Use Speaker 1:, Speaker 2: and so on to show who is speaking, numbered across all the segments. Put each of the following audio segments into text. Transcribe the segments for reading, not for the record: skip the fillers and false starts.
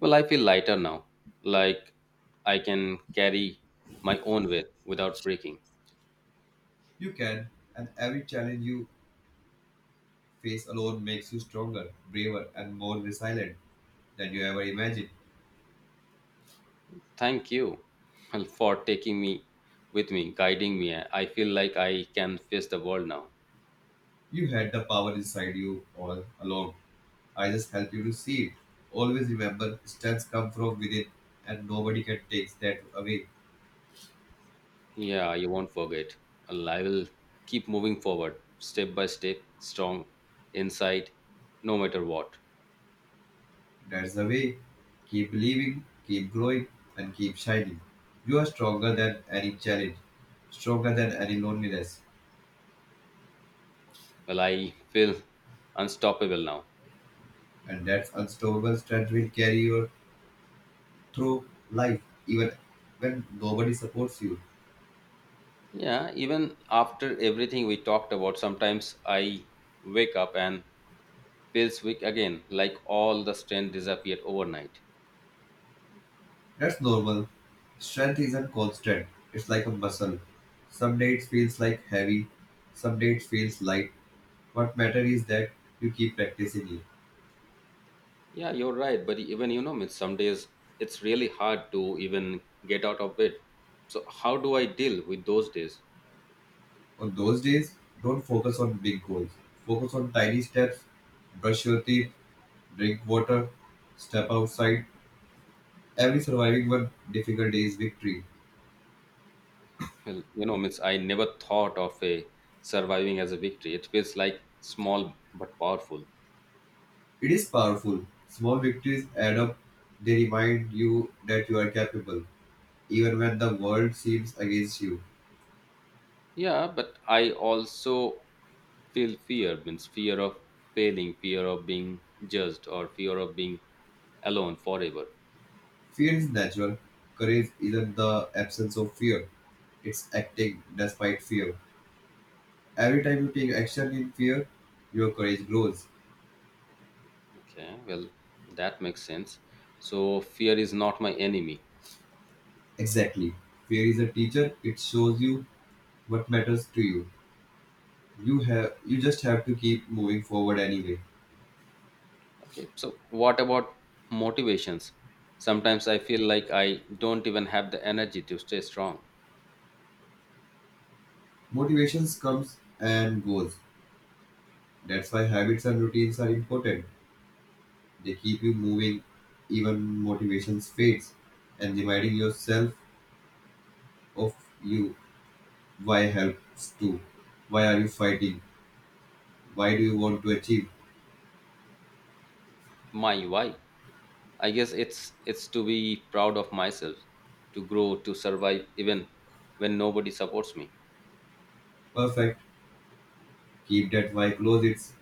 Speaker 1: Well, I feel lighter now, like I can carry my own weight without breaking.
Speaker 2: You can, and every challenge you face alone makes you stronger, braver, and more resilient than you ever imagined.
Speaker 1: Thank you well, for taking me with me, guiding me. I feel like I can face the world now.
Speaker 2: You had the power inside you all along. I just help you to see it. Always remember, strengths come from within, and nobody can take that away.
Speaker 1: Yeah, you won't forget. Well, I will keep moving forward, step by step, strong inside, no matter what.
Speaker 2: That's the way. Keep believing, keep growing, and keep shining. You are stronger than any challenge, stronger than any loneliness,
Speaker 1: Well, I feel unstoppable now.
Speaker 2: and that unstoppable strength will carry your through life even when nobody supports you.
Speaker 1: Yeah, even after everything we talked about, sometimes I wake up and feels weak again, like all the strength disappeared overnight.
Speaker 2: That's normal. Strength isn't constant, it's like a muscle. Some days it feels like heavy, some days it feels light. What matters is that you keep practicing it.
Speaker 1: Yeah, you're right, but even means some days it's really hard to even get out of bed. So how do I deal with those days?
Speaker 2: On those days, don't focus on big goals. Focus on tiny steps, brush your teeth, drink water, step outside. Every surviving one difficult day is victory.
Speaker 1: Well, means I never thought of a surviving as a victory. It feels like small but powerful.
Speaker 2: It is powerful. Small victories add up. They remind you that you are capable, even when the world seems against you.
Speaker 1: Yeah, but I also feel fear, means fear of failing, fear of being judged, or fear of being alone forever.
Speaker 2: Fear is natural. Courage isn't the absence of fear, it's acting despite fear. Every time you take action in fear, your courage grows.
Speaker 1: Okay, well, that makes sense. So, fear is not my enemy.
Speaker 2: Exactly. Fear is a teacher, it shows you what matters to you. You have you just have to keep moving forward anyway.
Speaker 1: Okay, so what about motivations? Sometimes I feel like I don't even have the energy to stay strong.
Speaker 2: Motivations comes and goes. That's why habits and routines are important. They keep you moving even motivations fades, and reminding yourself of you. Why helps too? Why are you fighting? Why do you want to achieve?
Speaker 1: My why? I guess it's to be proud of myself, to grow, to survive even when nobody supports me.
Speaker 2: Perfect. Keep that why close. It's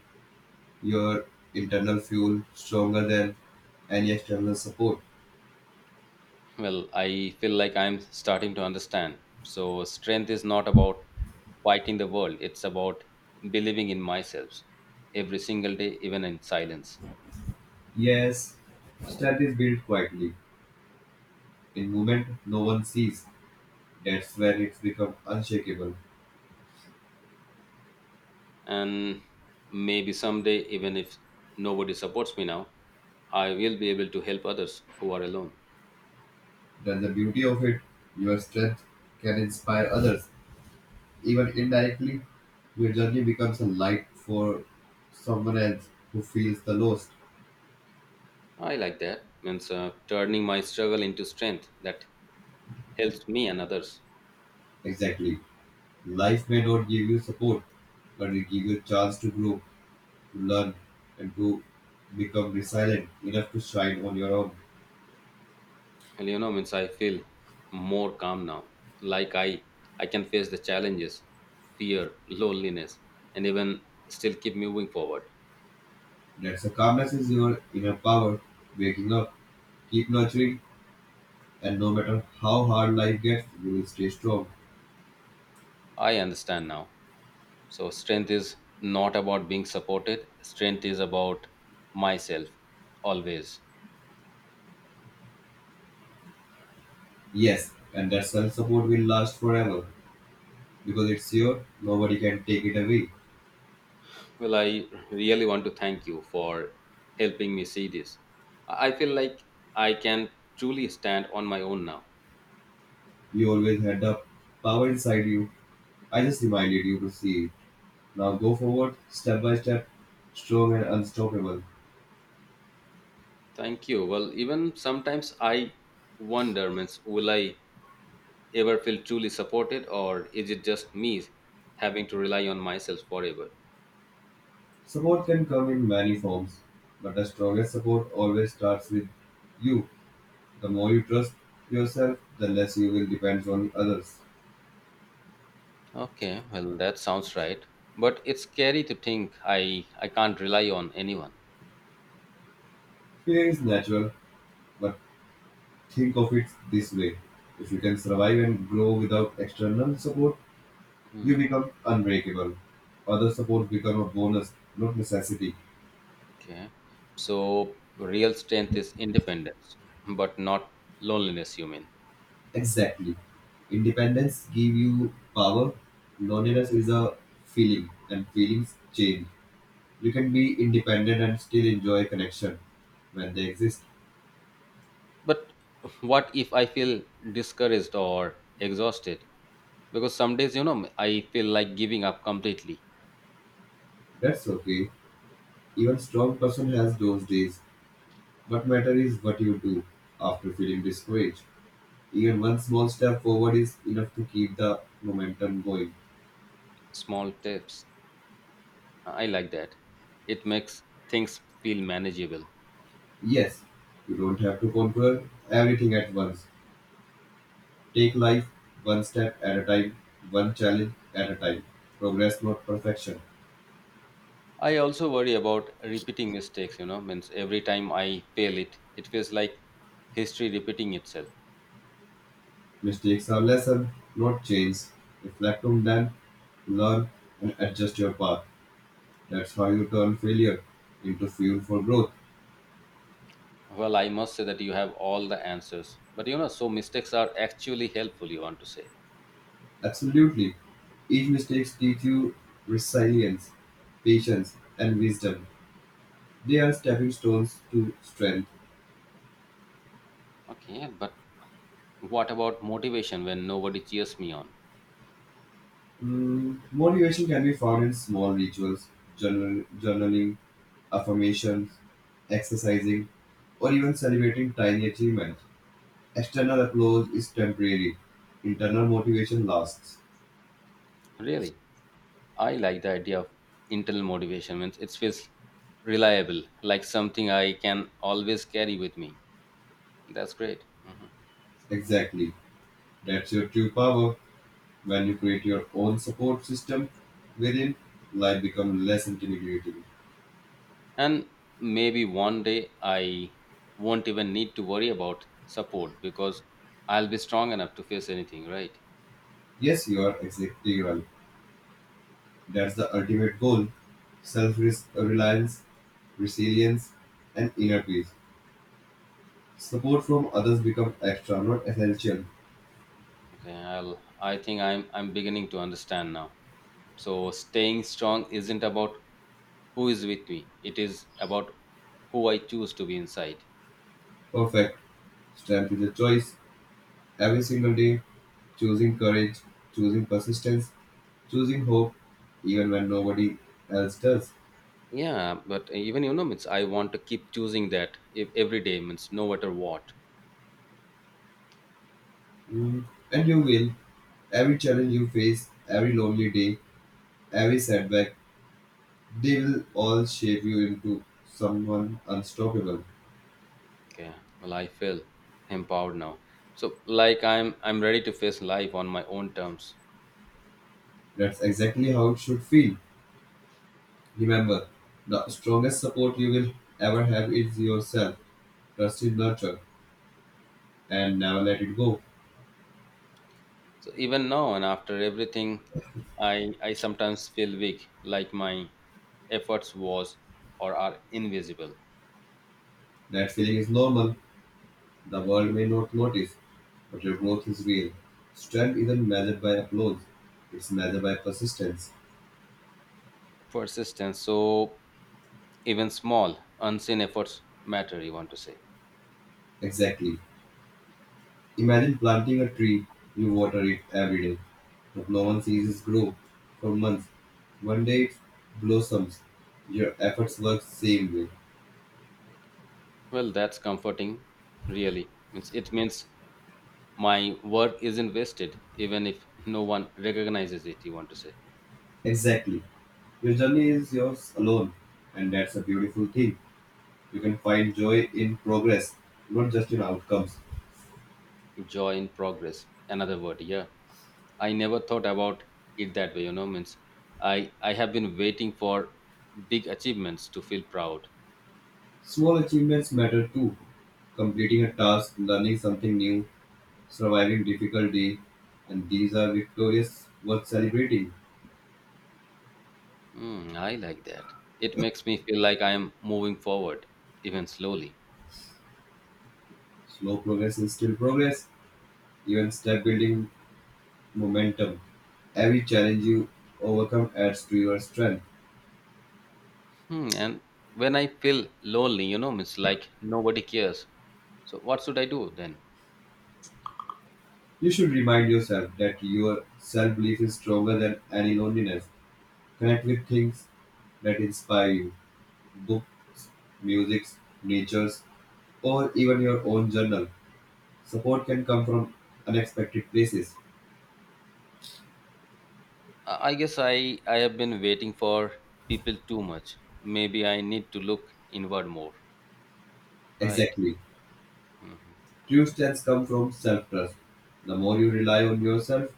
Speaker 2: your internal fuel stronger than any external support.
Speaker 1: Well, I feel like I'm starting to understand. So, strength is not about fighting the world, it's about believing in myself every single day, even in silence.
Speaker 2: Yes, strength is built quietly. In movement, no one sees. That's when it's become unshakable.
Speaker 1: And maybe someday, even if nobody supports me now, I will be able to help others who are alone.
Speaker 2: That's the beauty of it. Your strength can inspire others. Even indirectly, your journey becomes a light for someone else who feels the loss.
Speaker 1: I like that, means turning my struggle into strength that helps me and others.
Speaker 2: Exactly. Life may not give you support, but it gives you a chance to grow, to learn, and to become resilient enough to shine on your own.
Speaker 1: Well, means I feel more calm now, like I can face the challenges, fear, loneliness, and even still keep moving forward.
Speaker 2: That's a calmness is your inner power. Waking up, keep nurturing, and no matter how hard life gets, you will stay strong.
Speaker 1: I understand now. So strength is not about being supported, strength is about myself, always.
Speaker 2: Yes, and that self support will last forever because it's your, nobody can take it away.
Speaker 1: Well, I really want to thank you for helping me see this. I feel like I can truly stand on my own now.
Speaker 2: You always had the power inside you. I just reminded you to see it. Now go forward, step by step, strong and unstoppable.
Speaker 1: Thank you. Well, even sometimes I wonder, means, will I ever feel truly supported, or is it just me having to rely on myself forever?
Speaker 2: Support can come in many forms, but the strongest support always starts with you. The more you trust yourself, the less you will depend on others.
Speaker 1: Okay, well, that sounds right. But it's scary to think I can't rely on anyone.
Speaker 2: Fear is natural, but think of it this way. If you can survive and grow without external support,
Speaker 1: Hmm.
Speaker 2: you become unbreakable. Other support become a bonus, not necessity.
Speaker 1: Okay, so real strength is independence, but not loneliness. You mean?
Speaker 2: Exactly. Independence give you power.
Speaker 1: Okay.
Speaker 2: Loneliness is a feeling, and feelings change. You can be independent and still enjoy connection when they exist.
Speaker 1: But what if I feel discouraged or exhausted, because some days, I feel like giving up completely.
Speaker 2: That's okay. Even strong person has those days. What matter is what you do after feeling discouraged. Even one small step forward is enough to keep the momentum going.
Speaker 1: Small tips, I like that. It makes things feel manageable.
Speaker 2: Yes, you don't have to conquer everything at once. Take life one step at a time, one challenge at a time. Progress, not perfection.
Speaker 1: I also worry about repeating mistakes, means every time I fail, it feels like history repeating itself.
Speaker 2: Mistakes are lesson, not chains. Reflect on them, learn, and adjust your path. That's how you turn failure into fuel for growth.
Speaker 1: Well, I must say that you have all the answers, but so mistakes are actually helpful, you want to say.
Speaker 2: Absolutely. Each mistake teaches you resilience, patience, and wisdom. They are stepping stones to strength.
Speaker 1: Okay, but what about motivation when nobody cheers me on?
Speaker 2: Mm, motivation can be found in small rituals, journal, journaling, affirmations, exercising, or even celebrating tiny achievements. External applause is temporary, internal motivation lasts.
Speaker 1: Really, I like the idea of internal motivation. Means it feels reliable, like something I can always carry with me. That's great. Mhm.
Speaker 2: Exactly. That's your true power. When you create your own support system within, life becomes less intimidating.
Speaker 1: And maybe one day I won't even need to worry about support, because I'll be strong enough to face anything, right?
Speaker 2: Yes, you are exactly right. That's the ultimate goal self reliance, resilience, and inner peace. Support from others becomes extra, not essential.
Speaker 1: Okay, I think I'm beginning to understand now. So staying strong isn't about who is with me. It is about who I choose to be inside.
Speaker 2: Perfect. Strength is a choice. Every single day, choosing courage, choosing persistence, choosing hope, even when nobody else does.
Speaker 1: Yeah, but even means I want to keep choosing that if every day, means no matter what.
Speaker 2: Mm, and you will. Every challenge you face, every lonely day, every setback, they will all shape you into someone unstoppable.
Speaker 1: Okay, well, I feel empowered now, so like I'm ready to face life on my own terms.
Speaker 2: That's exactly how it should feel. Remember, the strongest support you will ever have is yourself. Trust is nurture and never let it go.
Speaker 1: So even now and after everything, I sometimes feel weak, like my efforts was or are invisible.
Speaker 2: That feeling is normal. The world may not notice, but your growth is real. Strength isn't measured by applause, it's measured by persistence.
Speaker 1: Persistence, so even small unseen efforts matter, you want to say.
Speaker 2: Exactly. Imagine planting a tree. You water it every day, but no
Speaker 1: Mm.
Speaker 2: one sees it grow for months. One day it blossoms. Your efforts work same way.
Speaker 1: Well, that's comforting, really, means it means my work isn't wasted, even if no one recognizes it, you want to say.
Speaker 2: Exactly. Your journey is yours alone, and that's a beautiful thing. You can find joy in progress, not just in outcomes.
Speaker 1: Joy in progress, another word. Yeah, I never thought about it that way, means I have been waiting for big achievements to feel proud.
Speaker 2: Small achievements matter too. Completing a task, learning something new, surviving difficult day, and these are victorious worth celebrating.
Speaker 1: Hmm, I like that. It makes me feel like I am moving forward, even slowly.
Speaker 2: Slow progress is still progress, even step building momentum. Every challenge you overcome adds to your strength.
Speaker 1: Hmm, and when I feel lonely, it's like nobody cares. So what should I do then?
Speaker 2: You should remind yourself that your self belief is stronger than any loneliness. Connect with things that inspire you books, music, natures, or even your own journal. Support can come from unexpected places.
Speaker 1: I guess I have been waiting for people too much. Maybe I need to look inward more, right?
Speaker 2: Exactly.
Speaker 1: Hmm.
Speaker 2: True strengths come from self trust. The more you rely on yourself,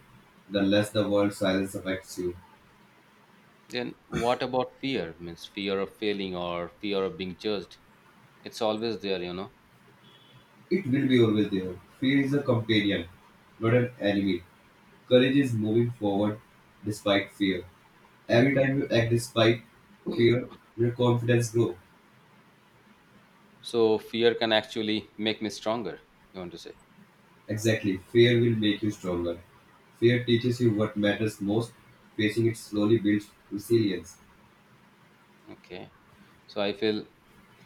Speaker 2: the less the world's silence affects you.
Speaker 1: Then what about fear? Means fear of failing or fear of being judged. It's always there,
Speaker 2: It will be always there. Fear is a companion, not an enemy. Courage is moving forward despite fear. Every
Speaker 1: Hmm.
Speaker 2: time you act despite fear, your confidence grows.
Speaker 1: So fear can actually make me stronger, you want to say.
Speaker 2: Exactly. Fear will make you stronger. Fear teaches you what matters most. Facing it slowly builds resilience.
Speaker 1: Okay. So I feel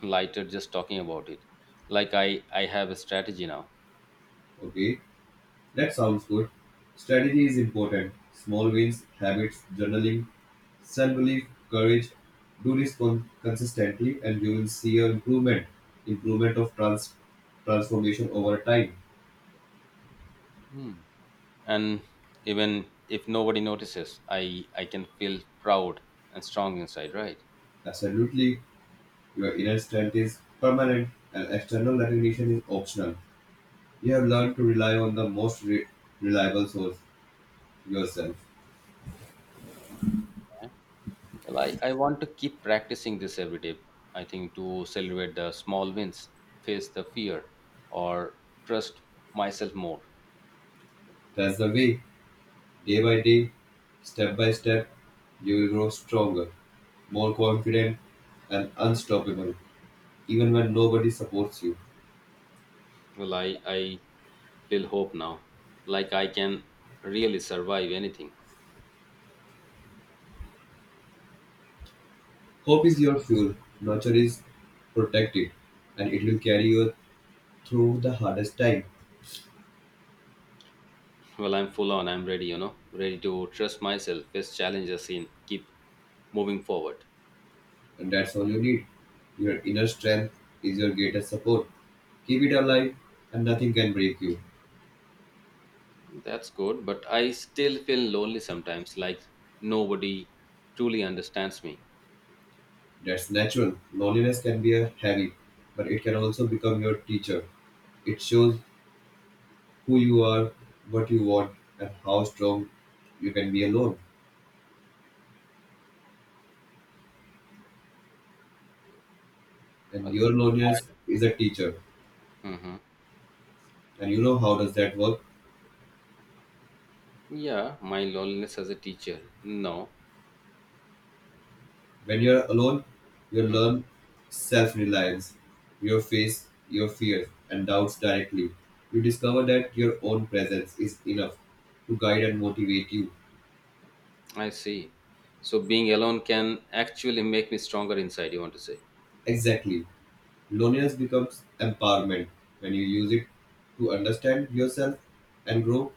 Speaker 1: lighter just talking about it. Like I have a strategy now.
Speaker 2: Okay, that sounds good. Strategy is important. Small wins, habits, journaling, self-belief, courage, do this consistently and you will see your improvement, improvement of transformation over time.
Speaker 1: Hmm. And even if nobody notices, I can feel proud and strong inside, right?
Speaker 2: Absolutely, your inner strength is permanent and external recognition is optional. You have learned to rely on the most reliable source, yourself.
Speaker 1: Well, I want to keep practicing this every day. I think to celebrate the small wins, face the fear, or trust myself more.
Speaker 2: That's the way, day by day, step by step, you will grow stronger, more confident, and unstoppable, even when nobody supports you.
Speaker 1: Well, I feel hope now. Like I can really survive anything.
Speaker 2: Hope is your fuel, nurture is protect it, and it will carry you through the hardest time.
Speaker 1: Well, I'm full on. I'm ready, ready to trust myself, face challenges, and keep moving forward.
Speaker 2: And that's all you need. Your inner strength is your greatest support. Keep it alive, and nothing can break you.
Speaker 1: That's good. But I still feel lonely sometimes, like nobody truly understands me.
Speaker 2: That's natural. Loneliness can be a heavy, but it can also become your teacher. It shows who you are, what you want, and how strong you can be alone. And
Speaker 1: Well,
Speaker 2: your loneliness is a teacher.
Speaker 1: hmm.
Speaker 2: And you know how does that work?
Speaker 1: Yeah, my loneliness as a teacher. No.
Speaker 2: When you're alone, you learn self reliance. You face your fears and doubts directly. You discover that your own presence is enough to guide and motivate you.
Speaker 1: I see. So being alone can actually make me stronger inside. You want to say,
Speaker 2: Exactly. Loneliness becomes empowerment when you use it to understand yourself and grow.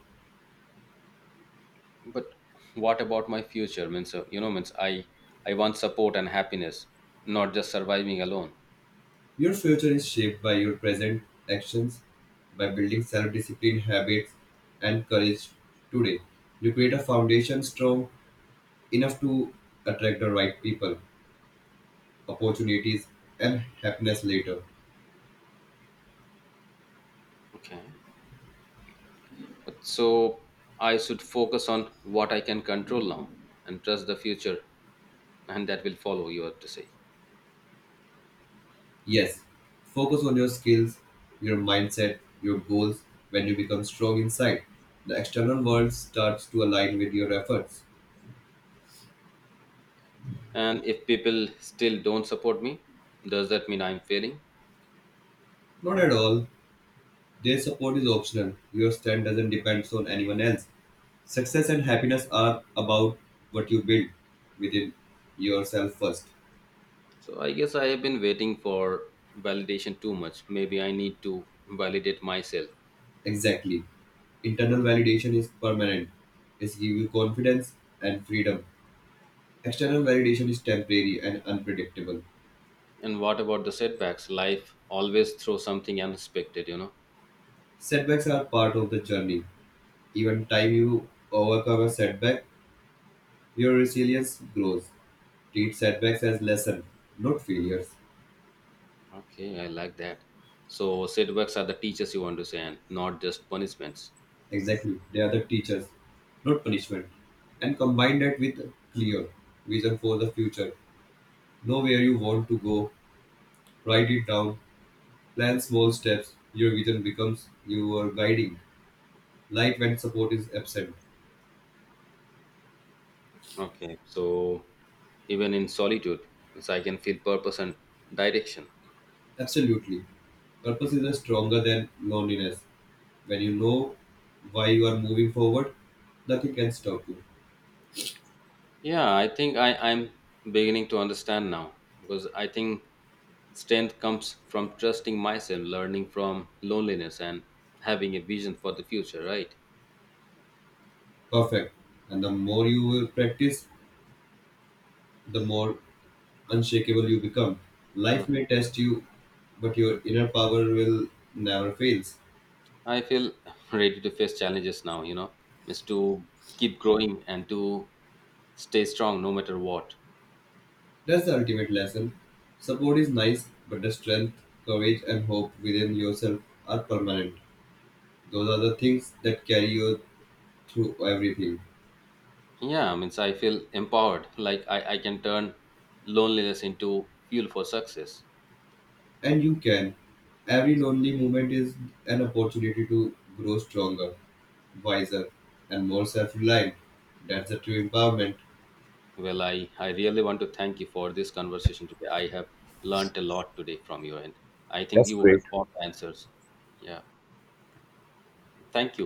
Speaker 1: but what about my future? Means means I want support and happiness, not just surviving alone.
Speaker 2: Your future is shaped by your present actions. By building self discipline habits and courage today, you create a foundation strong enough to attract the right people, opportunities, and happiness later.
Speaker 1: Okay. But so I should focus on what I can control now and trust the future, and that will follow. You have to say.
Speaker 2: Yes, focus on your skills, your mindset, your goals when you become strong inside. The external world starts to align with your efforts.
Speaker 1: And if people still don't support me, does that mean I'm failing?
Speaker 2: Not at all. Their support is optional. Your stand doesn't depend on anyone else. Success and happiness are about what you build within yourself first.
Speaker 1: So I guess I have been waiting for validation too much. Maybe I need to validate myself.
Speaker 2: Exactly. Internal
Speaker 1: Hmm.
Speaker 2: validation is permanent. It gives you confidence and freedom. External validation is temporary and unpredictable.
Speaker 1: And what about the setbacks? Life always throws something unexpected,
Speaker 2: Setbacks are part of the journey. Even time you overcome a setback, your resilience grows. Treat setbacks as lesson, not failures.
Speaker 1: Okay, I like that. So setbacks are the teachers you understand, not just punishments.
Speaker 2: Exactly, they are the teachers, not punishment. And combine that with a clear vision for the future. Know where you want to go, write it down, plan small steps. Your vision becomes your guiding light when support is absent.
Speaker 1: Okay. So even in solitude, so I can feel purpose and direction.
Speaker 2: Absolutely, purpose
Speaker 1: Mm.
Speaker 2: is a stronger than loneliness. When you know why you are moving forward, nothing can stop you.
Speaker 1: Yeah, I think I'm beginning to understand now, because I think strength comes from trusting myself, learning from loneliness, and having a vision for the future, right?
Speaker 2: Perfect. And the more you will practice, the more unshakable you become.
Speaker 1: Mm.
Speaker 2: Life may test you, but your inner power will never fails.
Speaker 1: I feel ready to face challenges now, is to keep growing and to stay strong no matter what.
Speaker 2: That's the ultimate lesson. Support is nice, but the strength, courage, and hope within yourself are permanent. Those are the things that carry you through everything.
Speaker 1: Yeah, means I feel empowered, like I can turn loneliness into fuel for success.
Speaker 2: And you can. Every lonely moment is an opportunity to grow stronger, wiser, and more self reliant. That's the true empowerment.
Speaker 1: Well, I really want to thank you for this conversation today. I have learned a lot today from your end. I think you have all the answers. Yeah, thank you.